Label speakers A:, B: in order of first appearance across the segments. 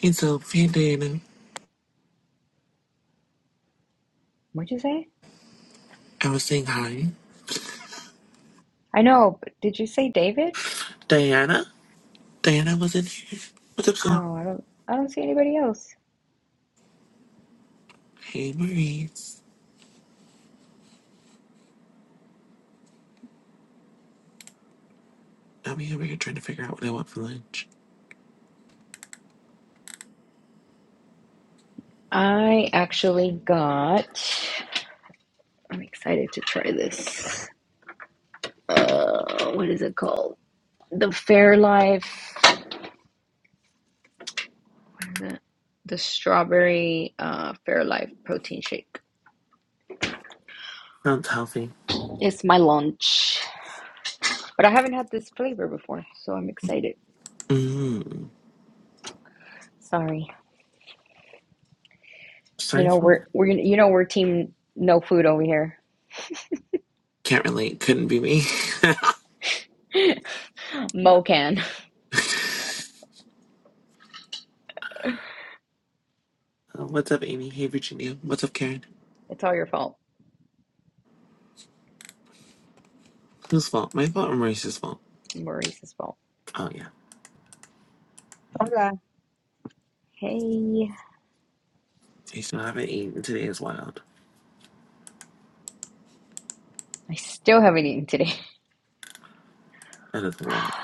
A: Hey Soph, hey Diana.
B: What'd you say?
A: I was saying hi.
B: I know, but did you say David?
A: Diana? Diana wasn't here. What's up, girl?
B: Oh, I don't I don't see anybody else.
A: Hey Maurice. I'll be over here trying to figure out what I want for lunch.
B: I actually got I'm excited to try this. Uh, what is it called? The Fairlife what is it? The strawberry uh Fairlife protein shake.
A: Sounds healthy.
B: It's my lunch. But I haven't had this flavor before, so I'm excited.
A: Mmm.
B: Sorry. You
A: Sorry
B: know
A: for
B: we're we're you know we're team no food over here.
A: Can't relate. Couldn't be me.
B: Mo can.
A: Uh, what's up, Amy? Hey Virginia. What's up, Karen?
B: It's all your fault.
A: Whose fault? My fault or Maurice's fault?
B: Maurice's fault.
A: Oh yeah.
B: Hey,
A: I still haven't eaten. Today is wild.
B: I still haven't eaten today.
A: That is wild.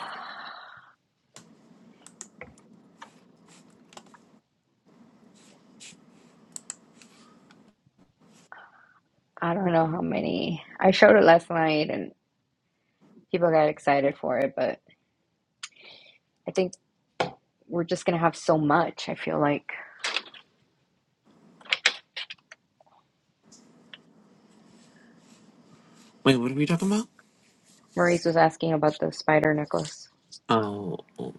B: I don't know how many. I showed it last night and people got excited for it, but I think we're just gonna have so much. I feel like
A: Wait, what are we talking about?
B: Maurice was asking about the spider necklace,
A: Oh. oh,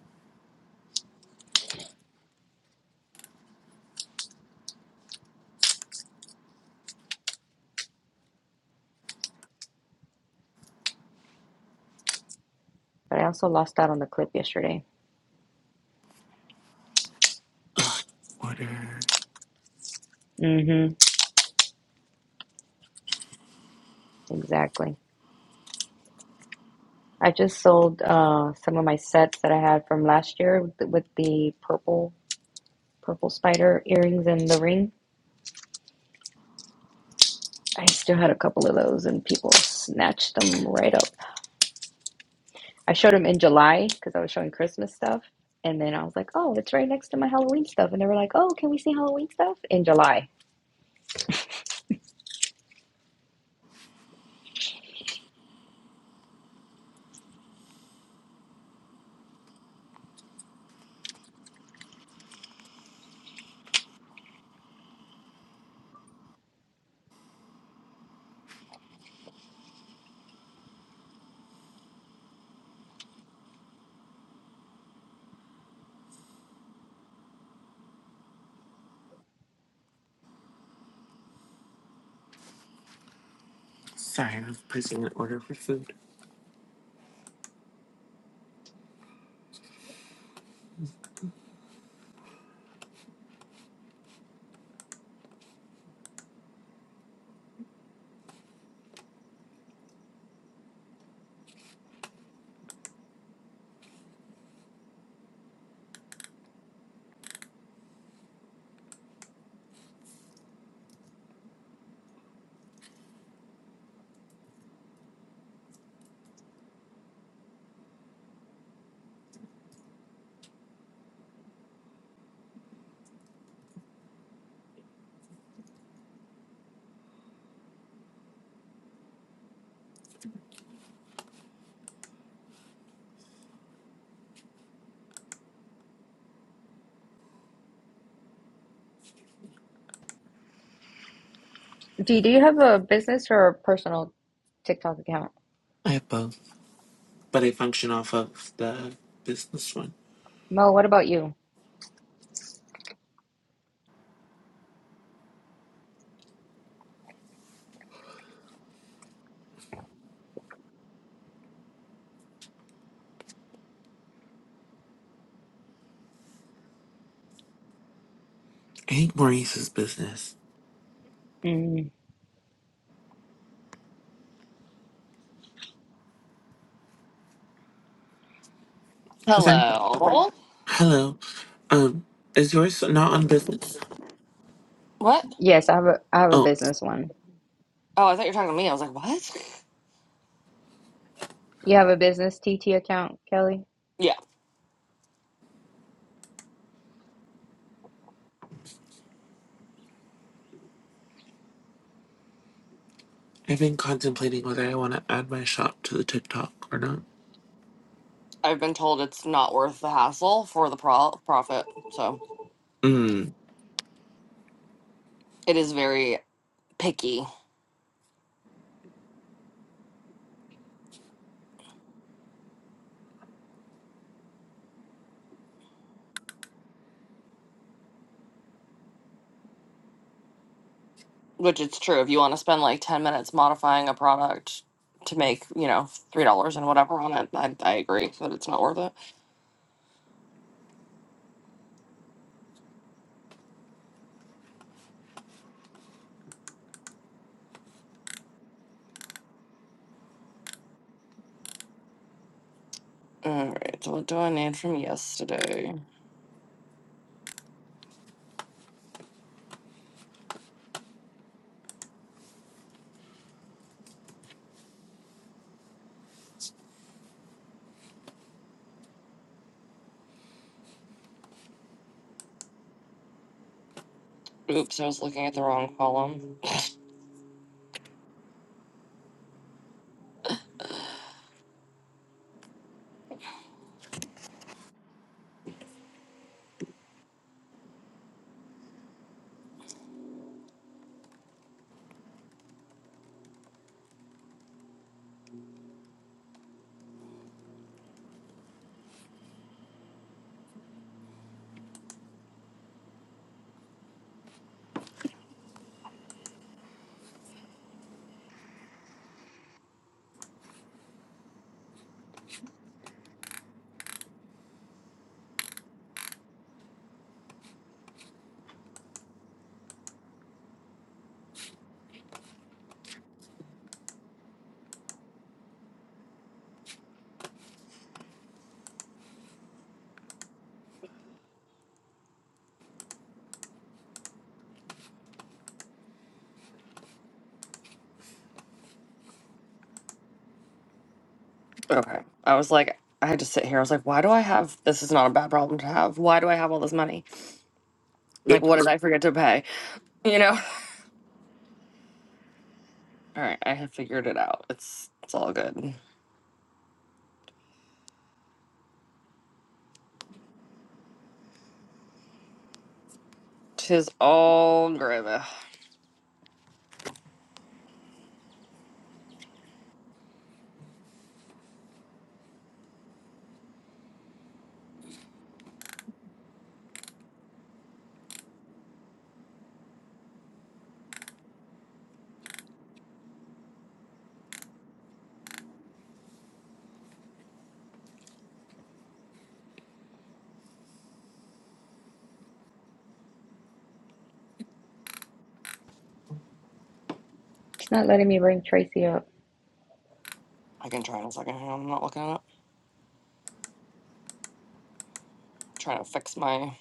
B: but I also lost out on the clip yesterday.
A: Ugh. Order.
B: Mm-hmm. Exactly. I just sold uh, some of my sets that I had from last year with the, with the purple purple spider earrings and the ring. I still had a couple of those, and people snatched them right up. I showed them in July because I was showing Christmas stuff. And then I was like, oh, it's right next to my Halloween stuff. And they were like, oh, can we see Halloween stuff in July?
A: Sorry, I was placing an order for food.
B: D, do you have a business or a personal TikTok account?
A: I have both. but I function off of the business one.
B: Mo, what about you?
A: I think Maurice's business.
B: Mm,
A: Cause I
C: Hello.
A: hello, um, is yours not on business?
C: What?
B: yes, I have a I have a
A: Oh,
B: business one.
C: Oh, I thought you were talking to me. I was like, what?
B: You have a business TT account, Kelly?
C: Yeah,
A: I've been contemplating whether I want to add my shop to the TikTok or not.
C: I've been told it's not worth the hassle for the pro- profit. So
A: Mm.
C: it is very picky, which it's true. If you want to spend like 10 minutes modifying a product to make, you know, $3 and whatever on it, I, I agree that it's not worth it. All right. So what do I need from yesterday? Oops, I was looking at the wrong column. Okay. I was like, I had to sit here. I was like, why do I have this? Is not a bad problem to have. Why do I have all this money? Like, what
A: The
C: did I forget to pay? You know? All right, I have figured it out. It's it's all good. Tis all good. I
B: It's not letting me bring Tracy up.
C: can try in a second. Hang on, I'm not looking at it. trying to fix my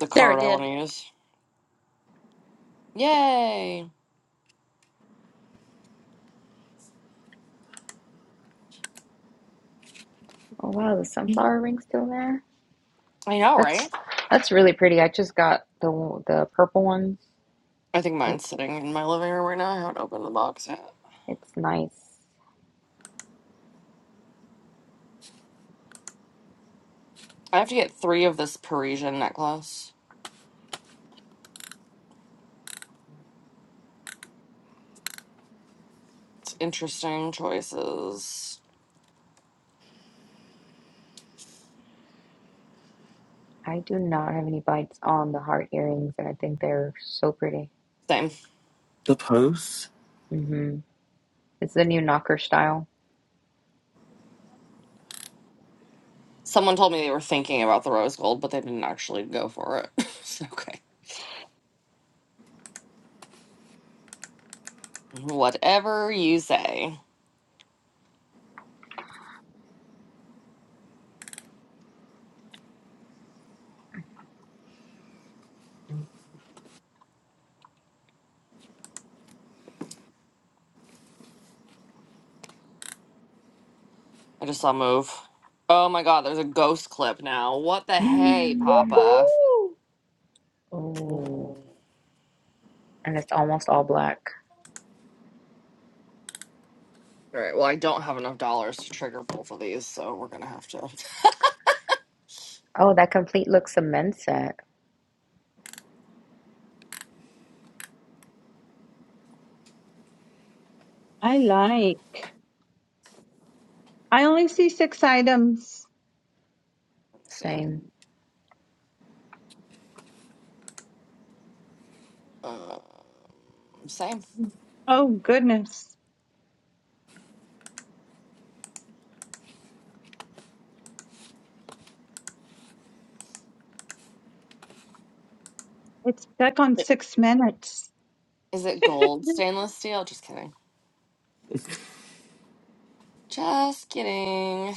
C: the
D: There it
C: card I
D: did.
C: want to use. Yay!
B: Oh wow, the sunflower ring's still there.
C: I know,
B: That's
C: right?
B: that's really pretty. I just got the the purple ones.
C: I think
B: It,
C: mine's sitting in my living room right now. I haven't opened the box yet.
B: it's nice.
C: I have to get three of this Parisian necklace. It's interesting choices.
B: I do not have any bites on the heart earrings, and I think they're so pretty.
C: Same.
A: post.
B: hmm It's the new knocker style.
C: Someone told me they were thinking about the rose gold, but they didn't actually go for it. It's okay. Whatever you say. I just saw move. Oh my god, there's a ghost clip now. What the hey,
B: Mm.
C: Papa?
E: Ooh,
B: Oh,
C: All
B: and it's almost all black.
C: right. Well, I don't have enough dollars to trigger both of these, so we're gonna have to
B: Oh, that complete looks a men's set.
E: I like. I only see six items.
C: same.
B: Same.
C: Um, same.
E: Oh, goodness. It's stuck on six minutes.
C: Is it gold stainless steel? Just kidding. Just kidding.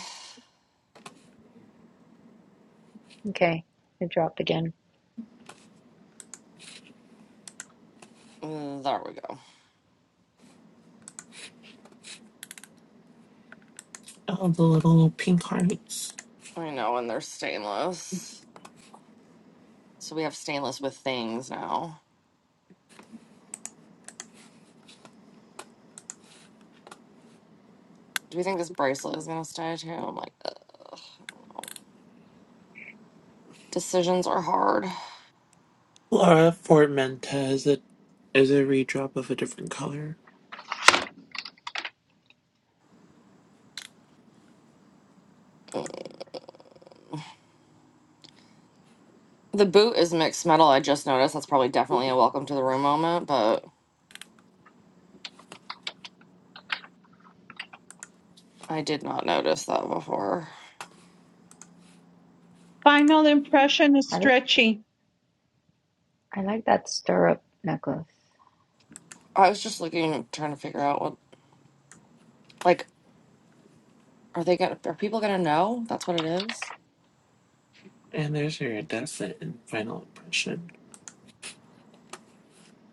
B: Okay, it dropped again.
C: Mm, There we go.
A: Oh, the little pink hearts.
C: I know, and they're stainless. So we have stainless with things now. Do we think this bracelet is gonna stay too? I'm like, ugh. decisions are hard.
A: Laura Formenta is a is a redrop of a different color.
C: The boot is mixed metal. I just noticed that's probably definitely a welcome to the room moment, but I did not notice that before.
E: Final impression is
B: I,
E: stretchy.
B: I like that stirrup necklace.
C: I was just looking, trying to figure out what, like, are they gonna, are people gonna know that's what it is?
A: And there's your descent and final impression.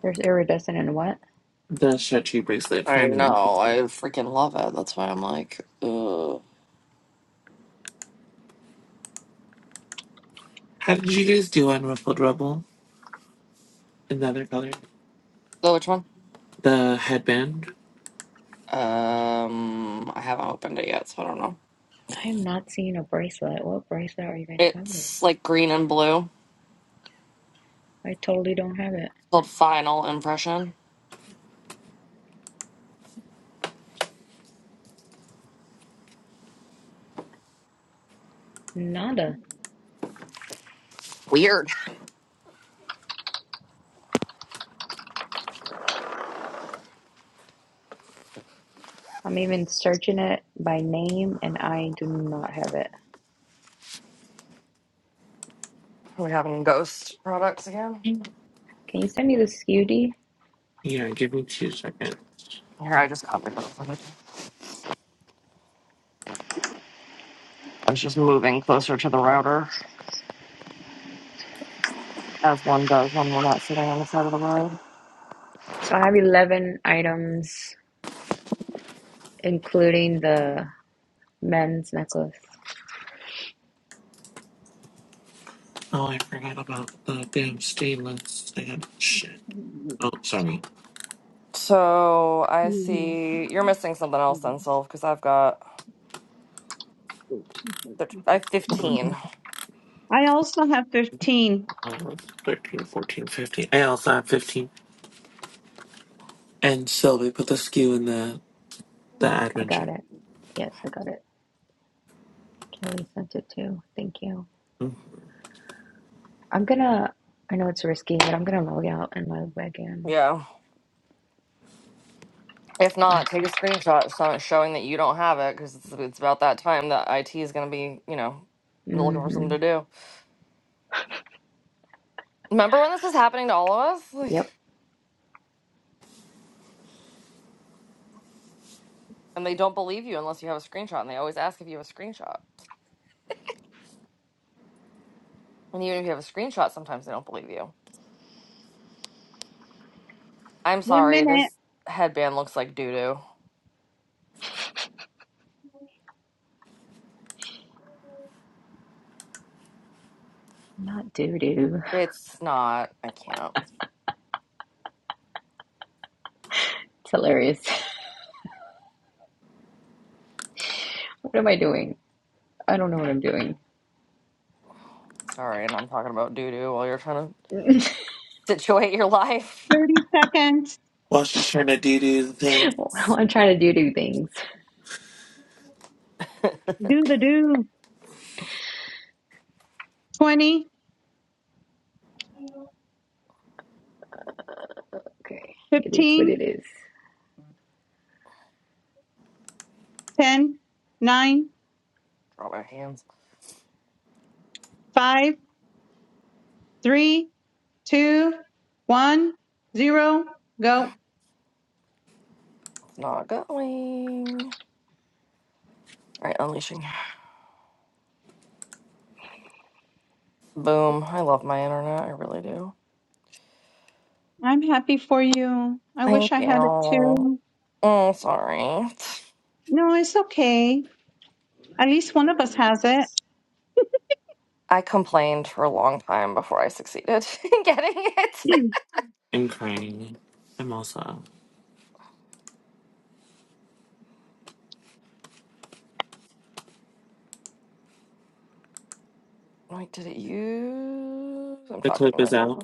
B: There's iridescent and what?
A: The stretchy bracelet.
C: I
A: Finally,
C: know. I freaking love it. That's why I'm like, ugh.
A: How did you guys do on Ruffled Rubble? Another color.
C: So which one?
A: The headband.
C: Um, I haven't opened it yet, so I don't know.
B: I am not seeing a bracelet. What bracelet are you guys talking about?
C: It's like green and blue.
B: I totally don't have it.
C: It's called Final Impression.
B: Nada.
C: Weird.
B: I'm even searching it by name, and I do not have it.
C: Are we having ghost products again?
B: Can you send me the SKU?
A: Yeah, give me two seconds.
C: Here, I just copied it. I was just moving closer to the router. as one does when we're not sitting on the side of the road.
B: So I have 11 items, including the men's necklace.
A: Oh, I forgot about the damn stainless and shit. Oh, sorry.
C: So I see you're missing something else then, Sylv, because I've got thir- I have 15.
A: Uh,
E: I also have 15.
A: 13, fourteen, fifteen. I also have 15. And Sylvie put the skew in the, the
B: I
A: admin
B: got
A: sheet.
B: it. Yes, I got it. Kelly sent it too. Thank you.
A: Mm.
B: I'm gonna, I know it's risky, but I'm gonna log out and log back in.
C: Yeah. If
B: Wow.
C: not, take a screenshot so- showing that you don't have it, because it's, it's about that time that IT is going to be, you know, looking for something
B: Mm-hmm.
C: to do. Remember when this was happening to all of us? Like,
B: Yep.
C: and they don't believe you unless you have a screenshot, and they always ask if you have a screenshot. And even if you have a screenshot, sometimes they don't believe you. I'm
E: One
C: sorry,
E: minute,
C: this headband looks like doo doo.
B: Not doo doo.
C: It's not. I can't.
B: It's hilarious. What am I doing? I don't know what I'm doing.
C: Sorry, and I'm talking about doo doo while you're trying to situate your life.
E: 30 seconds.
A: While she's trying to do do the thing.
B: I'm trying to do do things.
E: Do the do. Twenty,
B: Okay, it is what
E: fifteen,
B: it is.
E: ten, nine,
C: Draw my hands.
E: five, three, two, one, zero. Go.
C: It's not going. All right, unleashing. Boom. I love my internet. I really do.
E: I'm happy for you. I
C: Thank
E: wish I had it
C: you.
E: too.
C: Mm, sorry.
E: No, it's okay. At least one of us has it.
C: I complained for a long time before I succeeded in getting it.
A: I'm crying. I'm also out.
C: Wait, did it use? I'm
A: The
C: talking to
A: clip is
C: myself.
A: out.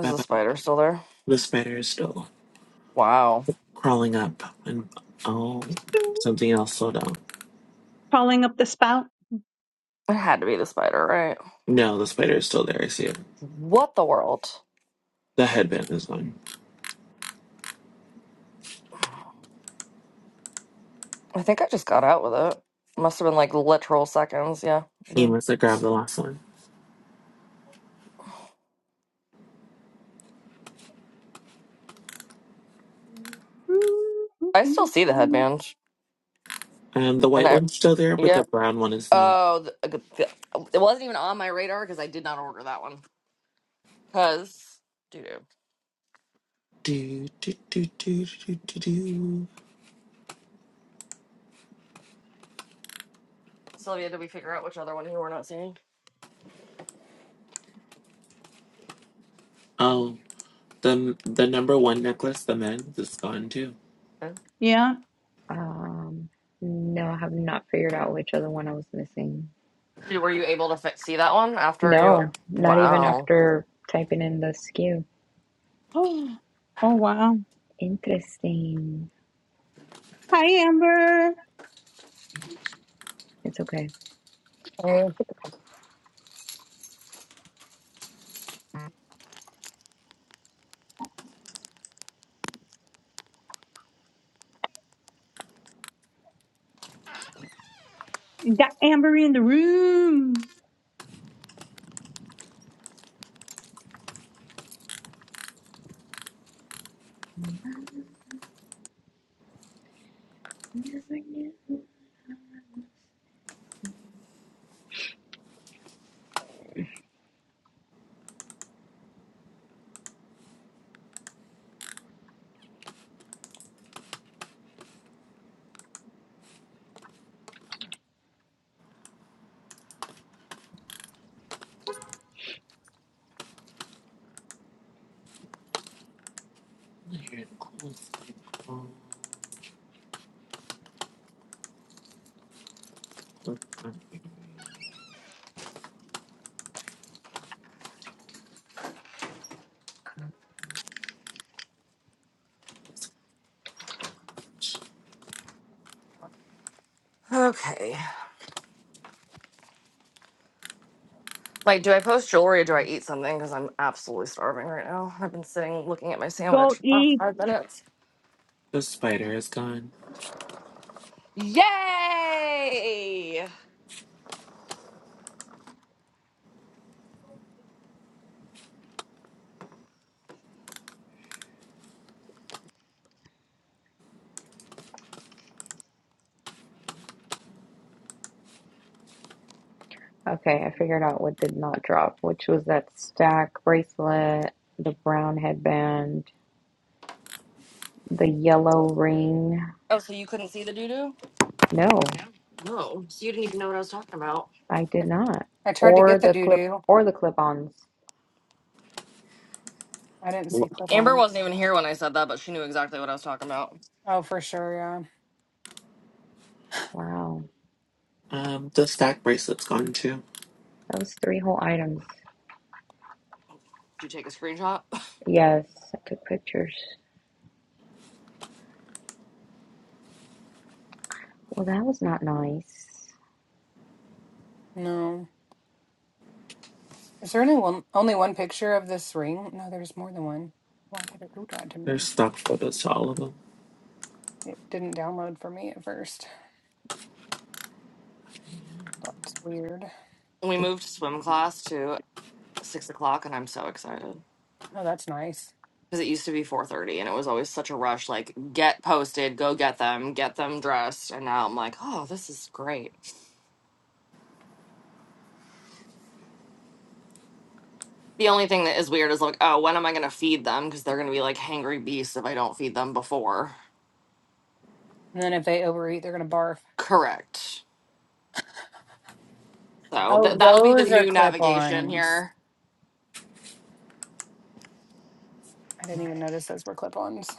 C: Is
A: Bye
C: the
A: bye.
C: spider still there?
A: The spider is still
C: Wow.
A: crawling up. And oh, something else slowed down.
E: Crawling up the spout.
C: It had to be the spider, right?
A: No, the spider is still there. I see it.
C: What the world?
A: The headband is mine.
C: I think I just got out with it. Must have been like literal seconds. Yeah, I
A: You
C: did.
A: must have grabbed the last one.
C: I still see the headband.
A: Um, the
C: And
A: white
C: I,
A: one's still there, but
C: yeah.
A: the brown one is not.
C: Oh, the, the, it wasn't even on my radar because I did not order that one. Because, dude,
A: Do, do, do, do, do, do, do.
C: Sylvia, did we figure out which other one you were not seeing?
A: Oh, the the number one necklace, the men's, is gone too.
C: Yeah.
E: Yeah.
B: Um, no, I have not figured out which other one I was missing.
C: Did, were you able to fit, see that one after you?
B: No,
C: No.
B: not even
C: Wow.
B: after typing in the SKU.
E: Oh, Oh wow.
B: Interesting.
E: Hi, Amber.
B: It's okay.
F: I,
E: Got Amber in the room.
B: Never knew.
A: Here, close my palm, close my fingers.
C: Okay. Like, do I post jewelry or do I eat something? Because I'm absolutely starving right now. I've been sitting looking at my
E: Go
C: sandwich for about
E: eat.
C: five minutes.
A: The spider is gone.
C: Yay!
B: Okay, I figured out what did not drop, which was that stack bracelet, the brown headband, the yellow ring.
C: Oh, so you couldn't see the doo doo?
B: No,
C: Oh, so you didn't even know what I was talking about.
B: I did not.
F: I tried to
B: Or
F: get the
B: the
F: doo
B: clip
F: doo.
B: or the clip-ons.
F: I didn't see clip
C: Amber wasn't
F: ons.
C: even here when I said that, but she knew exactly what I was talking about.
F: Oh, for sure.
B: Wow.
A: Um, the stack bracelet's gone too.
B: That was three whole items.
C: Did you take a screenshot?
B: Yes, I took pictures. Well, that was not nice.
F: Yeah. No. Is there only one, only one picture of this ring? No, there's more than one. Why did it do that to
A: There's
F: me?
A: stock photos to all of them.
F: It didn't download for me at first. That's weird.
C: we moved swim class to six o'clock, and I'm so excited
F: Oh, that's nice.
C: because it used to be four thirty, and it was always such a rush. Like, get posted, go get them, get them dressed, and now I'm like, oh, this is great. The only thing that is weird is like, oh, when am I gonna feed them? Because they're gonna be like hangry beasts if I don't feed them before.
F: And then if they overeat, they're going to barf.
C: Correct. So
F: Oh,
C: th- that'll be the
F: those are
C: new
F: clip
C: navigation
F: ons.
C: here.
F: I didn't even notice those were clip ons.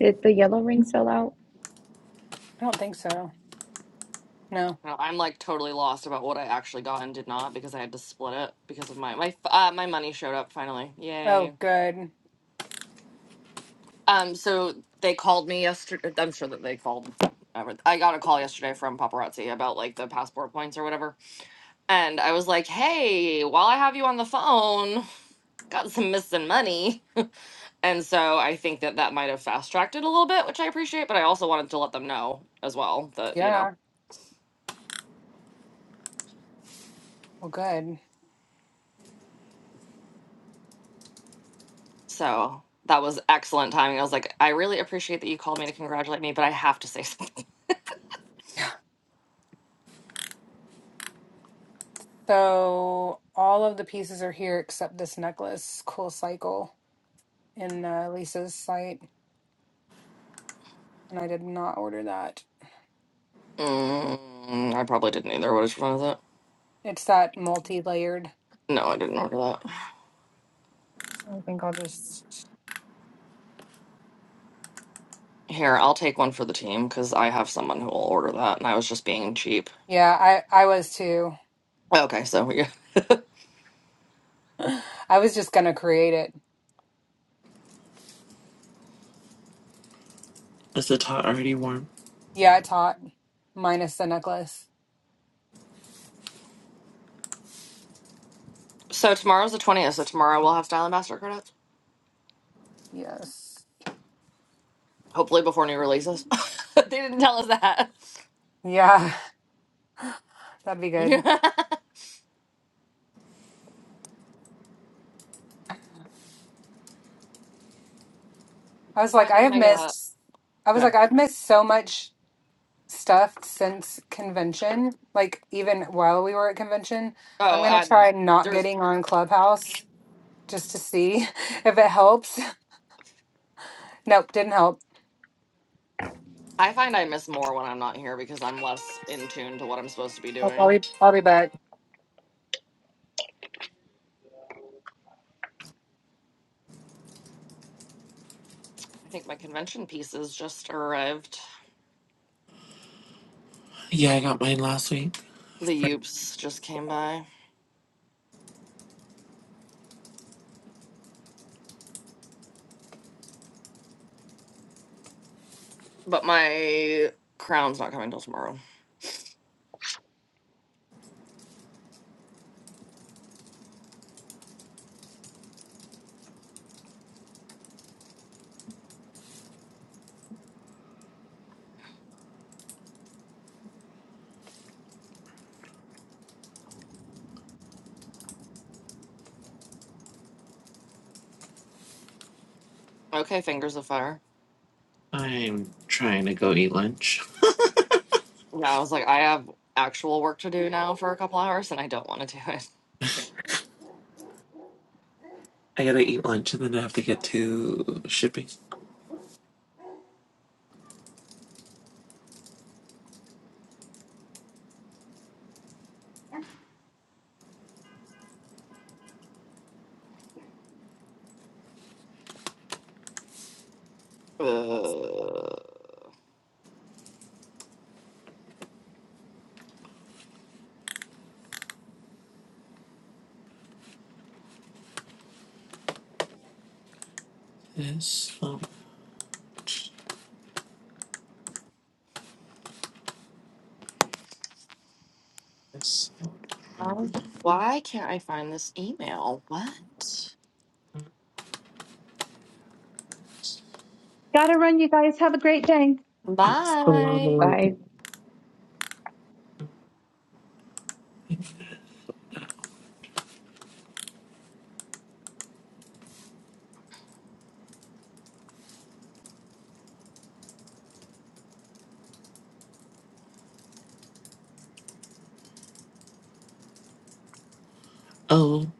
B: Did the yellow ring sell out?
F: I don't think so. No.
C: No, I'm like totally lost about what I actually got and did not because I had to split it because of my my uh, my money showed up finally.
F: Oh,
C: Yay.
F: good.
C: Um so they called me yesterday I'm sure that they called ever- I got a call yesterday from paparazzi about like the passport points or whatever. And I was like, "Hey, while I have you on the phone, got some missing money." And so I think that that might have fast tracked it a little bit, which I appreciate, but I also wanted to let them know as well that, you know.
F: Yeah. Well, good.
C: So that was excellent timing. I was like, I really appreciate that you called me to congratulate me, but I have to say something.
F: So all of the pieces are here except this necklace, Cool Cycle, in uh, Lisa's site, and I did not order that.
C: Mm, I probably didn't either. What is your phone with it?
F: It's that multi-layered.
C: No, I didn't order that.
F: I think I'll just.
C: Here, I'll take one for the team because I have someone who will order that, and I was just being cheap.
F: Yeah, I I was too.
C: Okay, so we
F: I was just gonna create it.
A: Is the top already warm?
F: Yeah, it's hot, minus the necklace.
C: So tomorrow's the twentieth. So tomorrow we'll have Style Ambassador credits.
F: Yes.
C: Hopefully before new releases. they didn't tell us that.
F: Yeah, that'd be good. I was
C: oh,
F: like,
C: I
F: I
C: think
F: have
C: my uh,
F: missed. I was
C: good.
F: like, I've missed so much stuff since convention. Like even while we were at convention, I'm
C: Oh,
F: gonna
C: uh,
F: try not
C: there's.
F: getting on Clubhouse just to see if it helps. Nope, didn't help.
C: I find I miss more when I'm not here because I'm less in tune to what I'm supposed to be
F: I'll I'll
C: doing.
F: be I'll be back.
C: I think my convention pieces just arrived.
A: Yeah, I got mine last week.
C: The Oops just came by. But my crown's not coming till tomorrow. Okay, fingers of fire.
A: I'm trying to go eat lunch.
C: Yeah, I was like, I have actual work to do now for a couple hours and I don't want to do it.
A: I gotta eat lunch and then I have to get to shipping.
C: Uh,
A: Yes. um, yes.
C: um,
A: um,
C: why can't I find this email? What?
E: Gotta run, you guys. Have a great day.
A: Assalamu
C: Bye.
B: I
A: alaikum. Oh,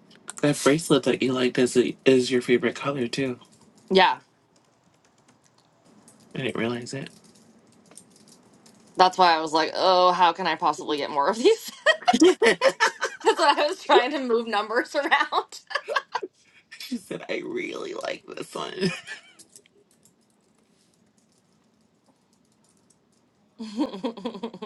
A: that bracelet that you liked is, is your favorite color too.
C: Yeah,
A: I didn't realize it.
C: that's why I was like, oh, how can I possibly get more of these? that's why I was trying to move numbers around.
A: She said, I really like this one.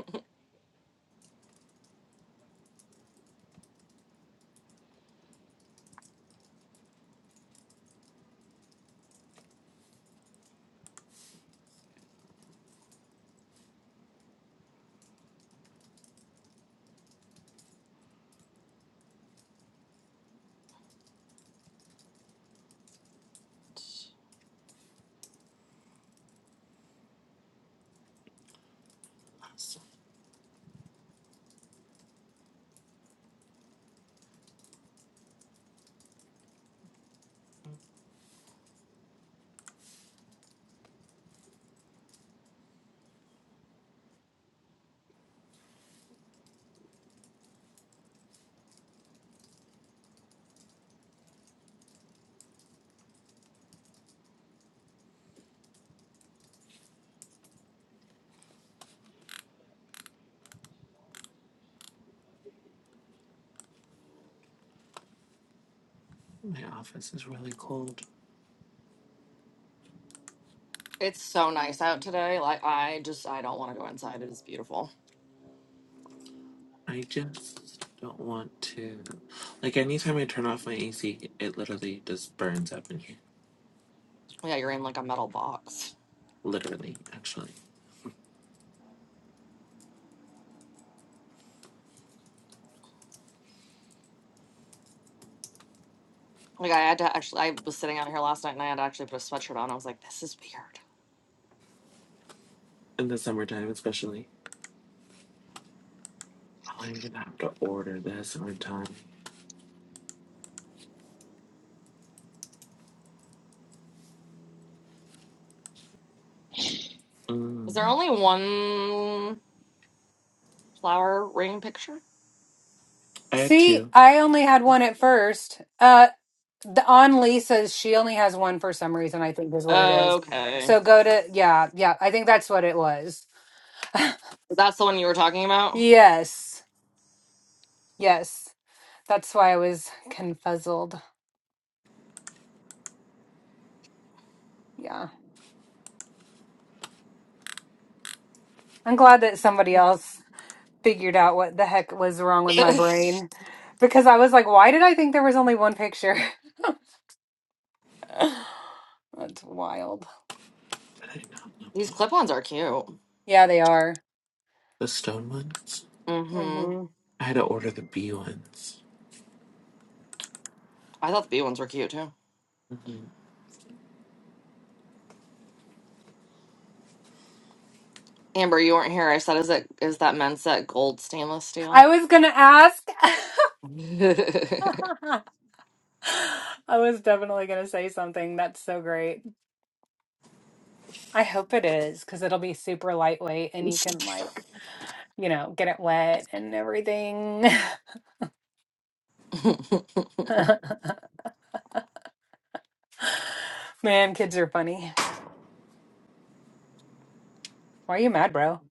A: My office is really cold.
C: It's so nice out today. Like I just I don't want to go inside. It is beautiful.
A: I just don't want to. Like, anytime I turn off my AC, it literally just burns up in here.
C: Yeah, you're in like a metal box.
A: Literally, actually.
C: Like I had to actually I was sitting out here last night and I had to actually put a sweatshirt on. I was like, this is weird.
A: In the summertime, especially. Oh, I'm gonna have to order this on time.
C: Is there
A: Mm.
C: only one flower ring picture?
A: I had
F: See,
A: two.
F: I only had one at first. Uh, the, on Lisa's, she only has one for some reason. I think is what it is.
C: Okay.
F: So go to yeah yeah. I think that's what it was.
C: That's the one you were talking about?
F: Yes yes. That's why I was confuzzled. Yeah. I'm glad that somebody else figured out what the heck was wrong with my brain because I was like, why did I think there was only one picture? That's wild.
A: Did I not
C: These
A: upload
C: clip-ons are cute.
F: Yeah, they are.
A: the stone ones?
C: Mm-hmm.
F: hmm
A: I had to order the bee ones.
C: I thought the B ones were cute too.
A: hmm
C: Amber, you weren't here. I said, is it is that men's set gold stainless
F: I
C: steel?
F: was gonna ask. I was definitely gonna say something. That's so great. I hope it is because it'll be super lightweight and you can like, you know, get it wet and everything. Man, kids are funny. Why are you mad, bro?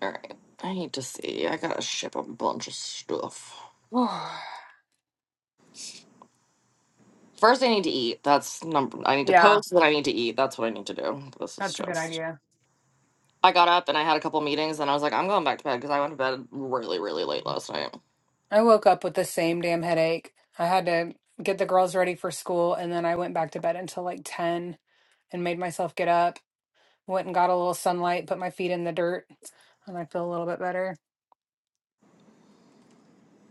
C: All right. I need to see. I gotta ship a bunch of stuff. First, I need to eat. That's number. I need to
F: yeah,
C: post, then I need to eat. That's what I need to do. This is
F: that's a good
C: just.
F: idea.
C: I got up and I had a couple meetings, and I was like, I'm going back to bed because I went to bed really, really late last night.
F: I woke up with the same damn headache. I had to get the girls ready for school, and then I went back to bed until like 10 and made myself get up. Went and got a little sunlight, put my feet in the dirt, and I feel a little bit better.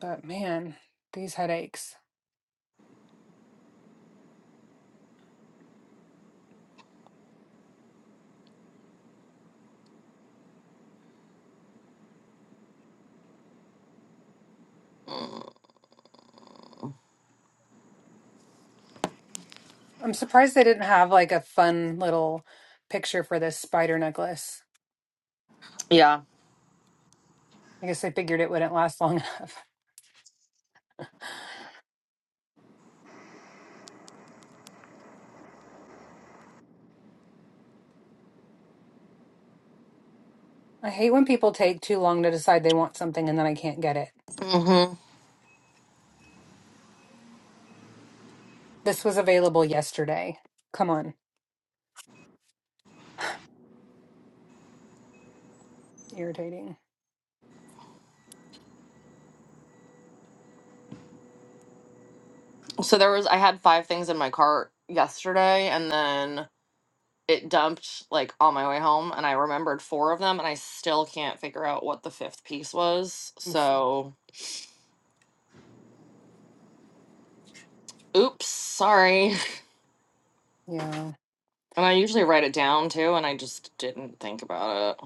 F: But man, these headaches.
C: Mm.
F: I'm surprised they didn't have like a fun little picture for this spider necklace.
C: Yeah.
F: I guess they figured it wouldn't last long enough. I hate when people take too long to decide they want something and then I can't get it.
C: Mm-hmm.
F: This was available yesterday. Come on. Irritating.
C: So there was. I had five things in my cart yesterday, and then it dumped like on my way home, and I remembered four of them, and I still can't figure out what the fifth piece was.
F: Oof.
C: So, oops, sorry.
F: Yeah.
C: And I usually write it down too, and I just didn't think about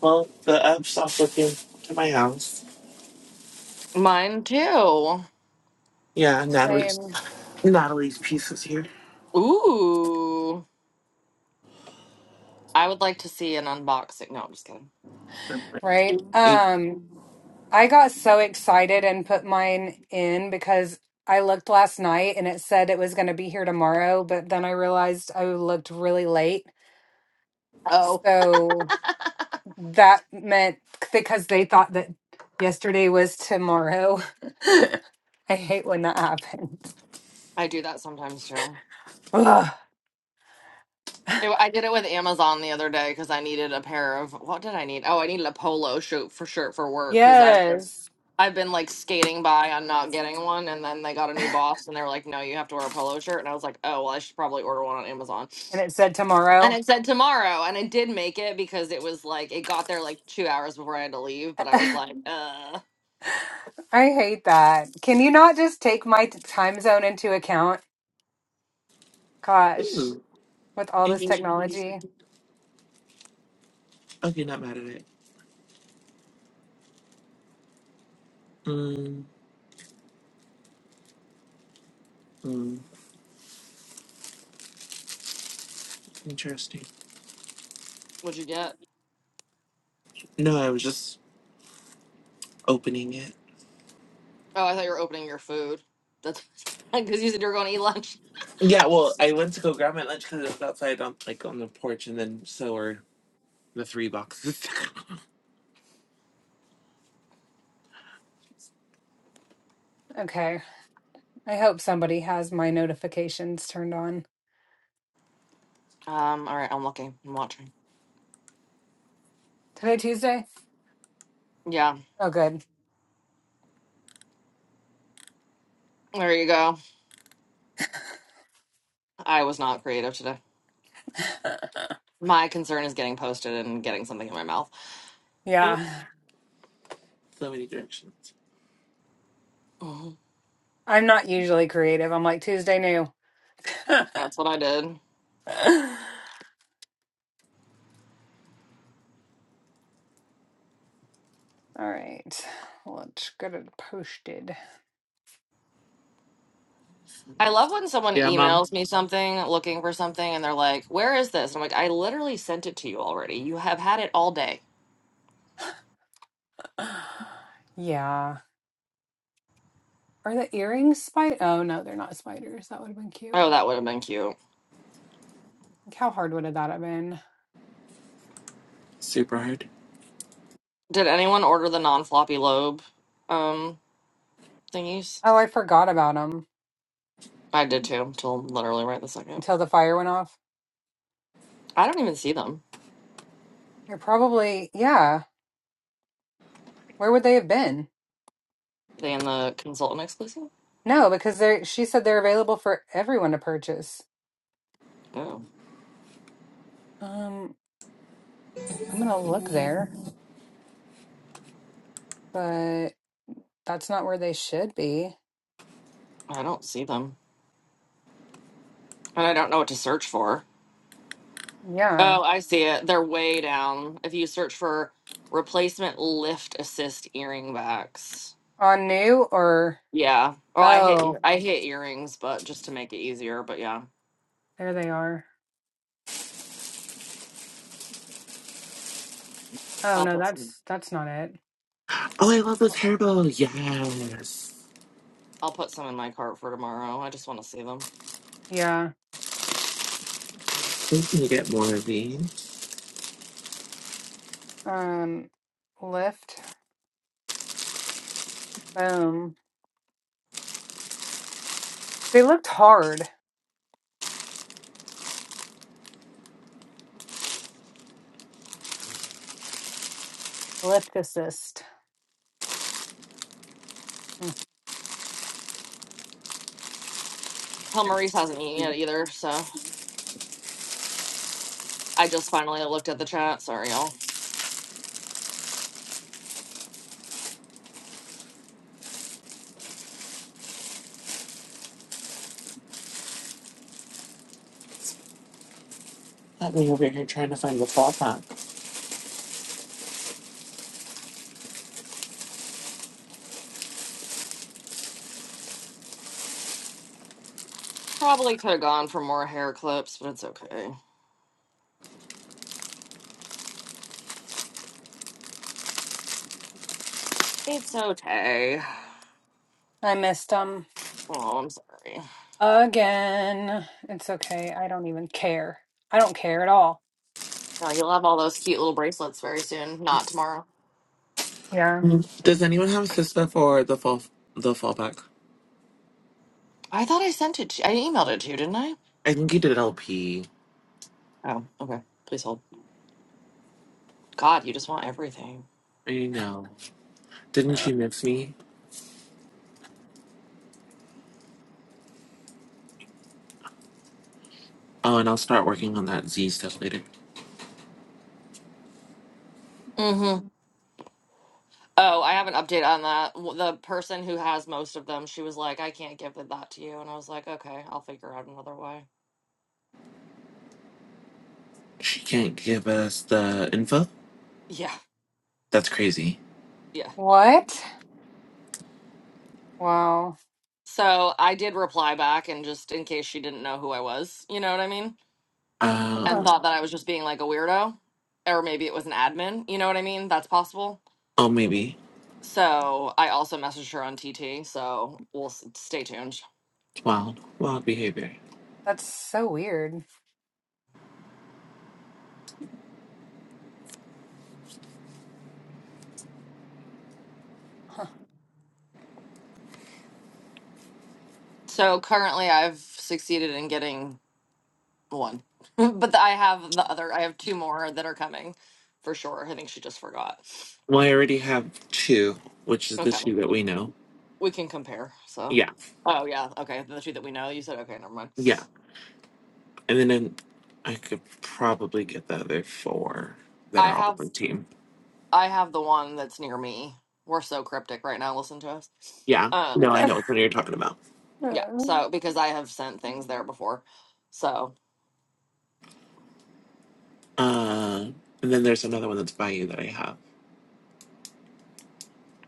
A: Well, the app stopped looking to my house.
C: it. Mine too.
A: Yeah, Natalie's
F: Same,
A: Natalie's piece is here.
C: Ooh. I would like to see an unboxing. No, I'm just kidding.
F: right?
A: Ooh.
F: Um, I got so excited and put mine in because I looked last night and it said it was going to be here tomorrow, but then I realized I looked really late.
C: Oh,
F: So that meant because they thought that yesterday was tomorrow. I hate when that happens.
C: I do that sometimes too.
F: Ugh.
C: It- I did it with Amazon the other day because I needed a pair of what did I need? Oh, I needed a polo shirt for shirt for work because I've been
F: Yes.
C: I've been like skating by on not getting one, and then they got a new boss and they were like, "No, you have to wear a polo shirt," and I was like, "Oh, well, I should probably order one on Amazon."
F: And it said
C: And
F: tomorrow.
C: it said tomorrow, and I did make it because it was like it got there like two hours before I had to leave. But I was like, uh,
F: I hate that. Can you not just take my t- time zone into account? Gosh, with all this technology.
A: Okay, not mad at it. Mm, mm, interesting.
C: what'd you get?
A: No, I was just opening it.
C: Oh, I thought you were opening your food. That's because you said you were going to eat lunch.
A: Yeah, well, I went to go grab my lunch because it was outside on like on the porch, and then so were the three boxes.
F: Okay. I hope somebody has my notifications turned on.
C: Um, all right, I'm looking, I'm watching.
F: Today, Tuesday?
C: Yeah,
F: Oh, good.
C: there you go. I was not creative today. My concern is getting posted and getting something in my mouth.
A: Mm,
F: yeah.
A: so many directions.
C: Mhm.
F: I'm not usually creative. I'm like, Tuesday new. All
C: That's what I did.
F: right. Let's get it posted.
C: I love when someone
A: Yeah, mom.
C: emails me something looking for something and they're like, Where is this? I'm like, I literally sent it to you already. You have had it all day.
F: Yeah. Are the earrings spider? Oh, no, they're not spiders. That would have been cute.
C: Oh, that would have been cute.
F: Like, how hard would have that have been?
A: Super hard.
C: Did anyone order the non floppy lobe um thingies?
F: Oh, I forgot about them
C: I did too, till literally right the second.
F: until the fire went off.
C: I don't even see them.
F: They're probably, yeah. Where would they have been?
C: Are they in the consultant exclusive?
F: No, because they're she said they're available for everyone to purchase.
C: Oh,
F: Um, I'm gonna look there, but that's not where they should be.
C: I don't see them. And I don't know what to search for.
F: Yeah.
C: Oh, I see it. They're way down. If you search for replacement lift assist earring backs.
F: On new or
C: Yeah. Oh, I hit
F: oh,
C: ear- I hit earrings, but just to make it easier, but yeah.
F: there they are. Oh
C: I'll
F: no,
C: put some
F: that's that's not it.
A: Oh, I love the
F: Hold on.
A: turbo. Yes.
C: I'll put some in my cart for tomorrow. I just want to see them.
F: Yeah.
A: We can get more of these.
F: Um lift. Boom. They looked hard. Lift assist. Mm.
C: Hell Maurice hasn't eaten yet either, so I just finally looked at the chat. Sorry, y'all.
A: Let me over here trying to find the fall pack.
C: Probably could have gone for more hair clips, but it's okay. It's okay.
F: I missed them
C: Oh, I'm sorry.
F: again. It's okay. I don't even care. I don't care at all.
C: No, you'll have all those cute little bracelets very soon. Not tomorrow.
F: Yeah.
A: Mm, Does anyone have Sista for the fall the fall pack?
C: I thought I sent it. To, I emailed it to you, didn't I?
A: I think you did LP.
C: Oh, okay. Please hold. God, you just want everything.
A: I know. Didn't she miss me? Oh, and I'll start working on that Z stuff later.
C: Mm-hmm. Oh, I have an update on that. W- The person who has most of them, she was like, "I can't give that to you," and I was like, "Okay, I'll figure out another way."
A: She can't give us the info?
C: Yeah,
A: That's crazy.
C: yeah.
F: What? Wow.
C: So I did reply back, and just in case she didn't know who I was, you know what I mean?
A: Uh,
C: And
F: Ugh,
C: thought that I was just being like a weirdo, or maybe it was an admin, you know what I mean? That's possible.
A: oh, maybe.
C: So I also messaged her on TT, so we'll s- stay tuned.
A: Wild. Wild behavior.
F: That's so weird. Huh.
C: So currently I've succeeded in getting one, but I have the other, I have two more that are coming for sure. I think she just forgot.
A: Well, I already have two, which is the
C: Okay,
A: two that we know.
C: we can compare. So,
A: Yeah.
C: oh yeah, okay, the two that we know, you said, okay, never mind.
A: Yeah. And then in, I could probably get the other four that
C: I
A: are all
C: have
A: one team.
C: I have the one that's near me. We're so cryptic right now. Listen to us.
A: Yeah. No,
C: Um,
A: I
F: I
A: know which one you're talking about.
C: yeah. So because I have sent things there before. So
A: Uh, and then there's another one that's by you that I have.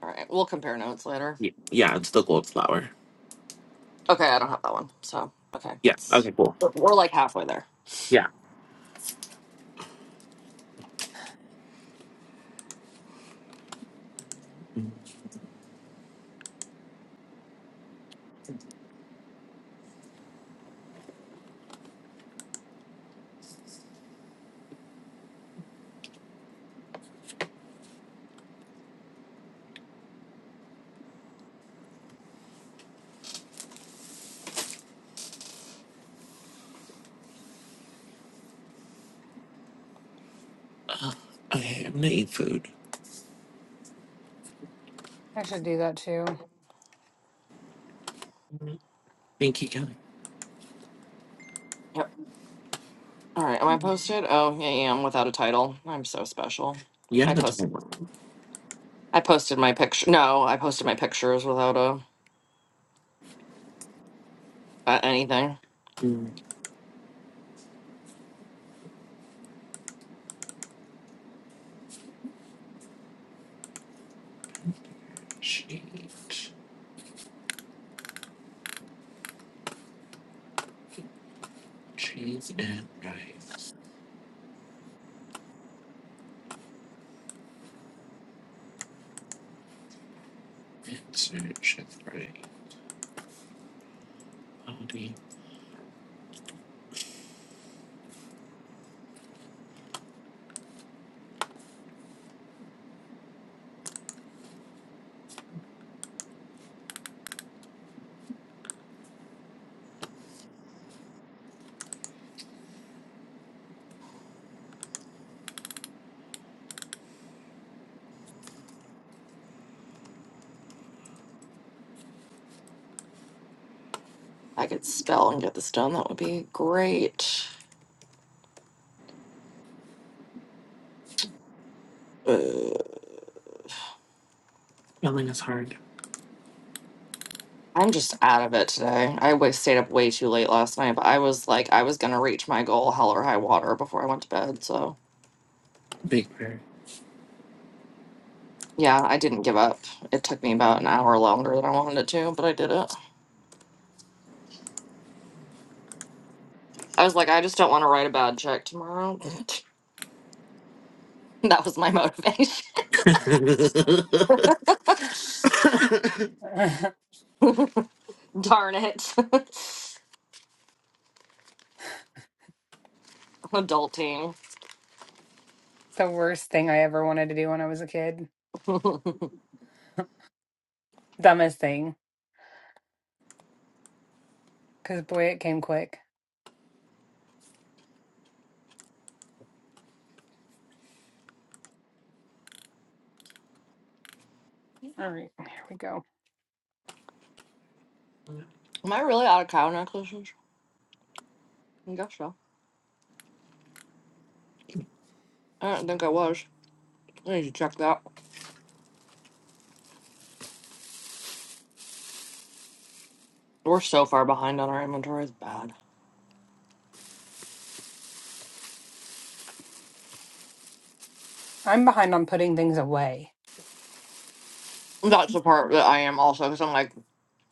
C: all right, we'll compare notes later.
A: Y- Yeah, it's the gold flower.
C: Okay, I don't have that one. So okay,
A: Yeah.
C: that's
A: Okay, cool.
C: we're we're like halfway there.
A: Yeah. Okay, I'm gonna eat food.
F: should do that too.
A: Thank you, Kelly.
C: Yep. All right. Am I posted? Oh, yeah, I am without a title. I'm so special.
A: Yeah,
C: I
A: that's
C: post.
A: good.
C: I posted my picture. No, I posted my pictures without a uh, anything.
A: Mm, cheese. Cheese and rice. Insert shift right. Body.
C: I could spell and get this done. That would be great.
A: Spelling is hard.
C: I'm just out of it today. I wa- stayed up way too late last night, but I was like, I was gonna reach my goal, hell or high water, before I went to bed. So
A: Big bird.
C: yeah, I didn't give up. It took me about an hour longer than I wanted it to, but I did it. I was like, I just don't want to write a bad check tomorrow. that was my motivation. Darn it, I'm adulting.
F: The worst thing I ever wanted to do when I was a kid. Dumbest thing. Because boy, it came quick. All right, here we go.
C: Am I really out of cow necklaces? I guess so. I don't think I was. I need to check that. We're so far behind on our inventory. It's bad.
F: I'm behind on putting things away.
C: That's the part that I am also because I'm like.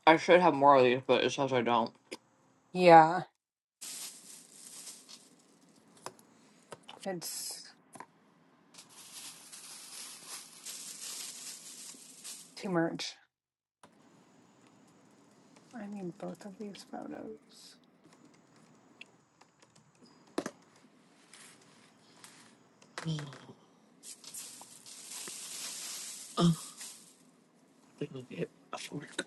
C: I should have more of these, but it says I don't.
F: Yeah, it's too much. I need both of these photos.
A: They will get a fork.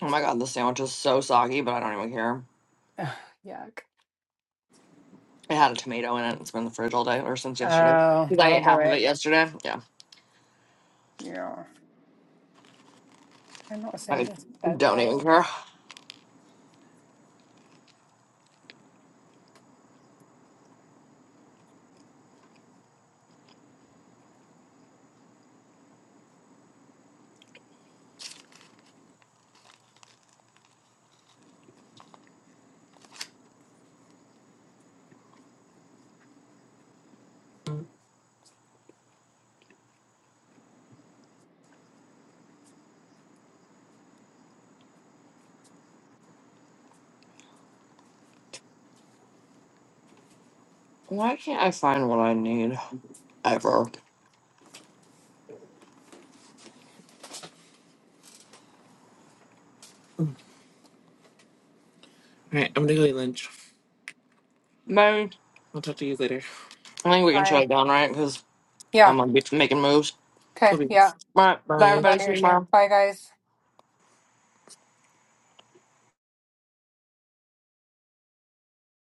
C: Oh my god, this sandwich is so soggy, but I don't even care.
F: Ugh, yuck.
C: It had a tomato in it. It's been in the fridge all day or since yesterday.
F: Oh,
C: 'Cause I
F: that'll
C: ate
F: do
C: half of
F: it.
C: it yesterday. Yeah,
F: Yeah. I'm not save
C: I
F: this
C: don't even
F: photo.
C: care. Why can't I find what I need ever?
A: All right, I'm gonna go eat lunch.
C: Maybe
A: I'll talk to you later.
C: I think we can shut
F: Bye.
C: it down, right? Because
F: Yeah.
C: I'm gonna be making moves.
A: Cool
F: Okay. Yeah.
A: beans.
C: All right, bye
A: Bye.
F: I'm out
C: everybody.
F: of
C: See
F: here
C: you tomorrow.
F: too. Bye, guys.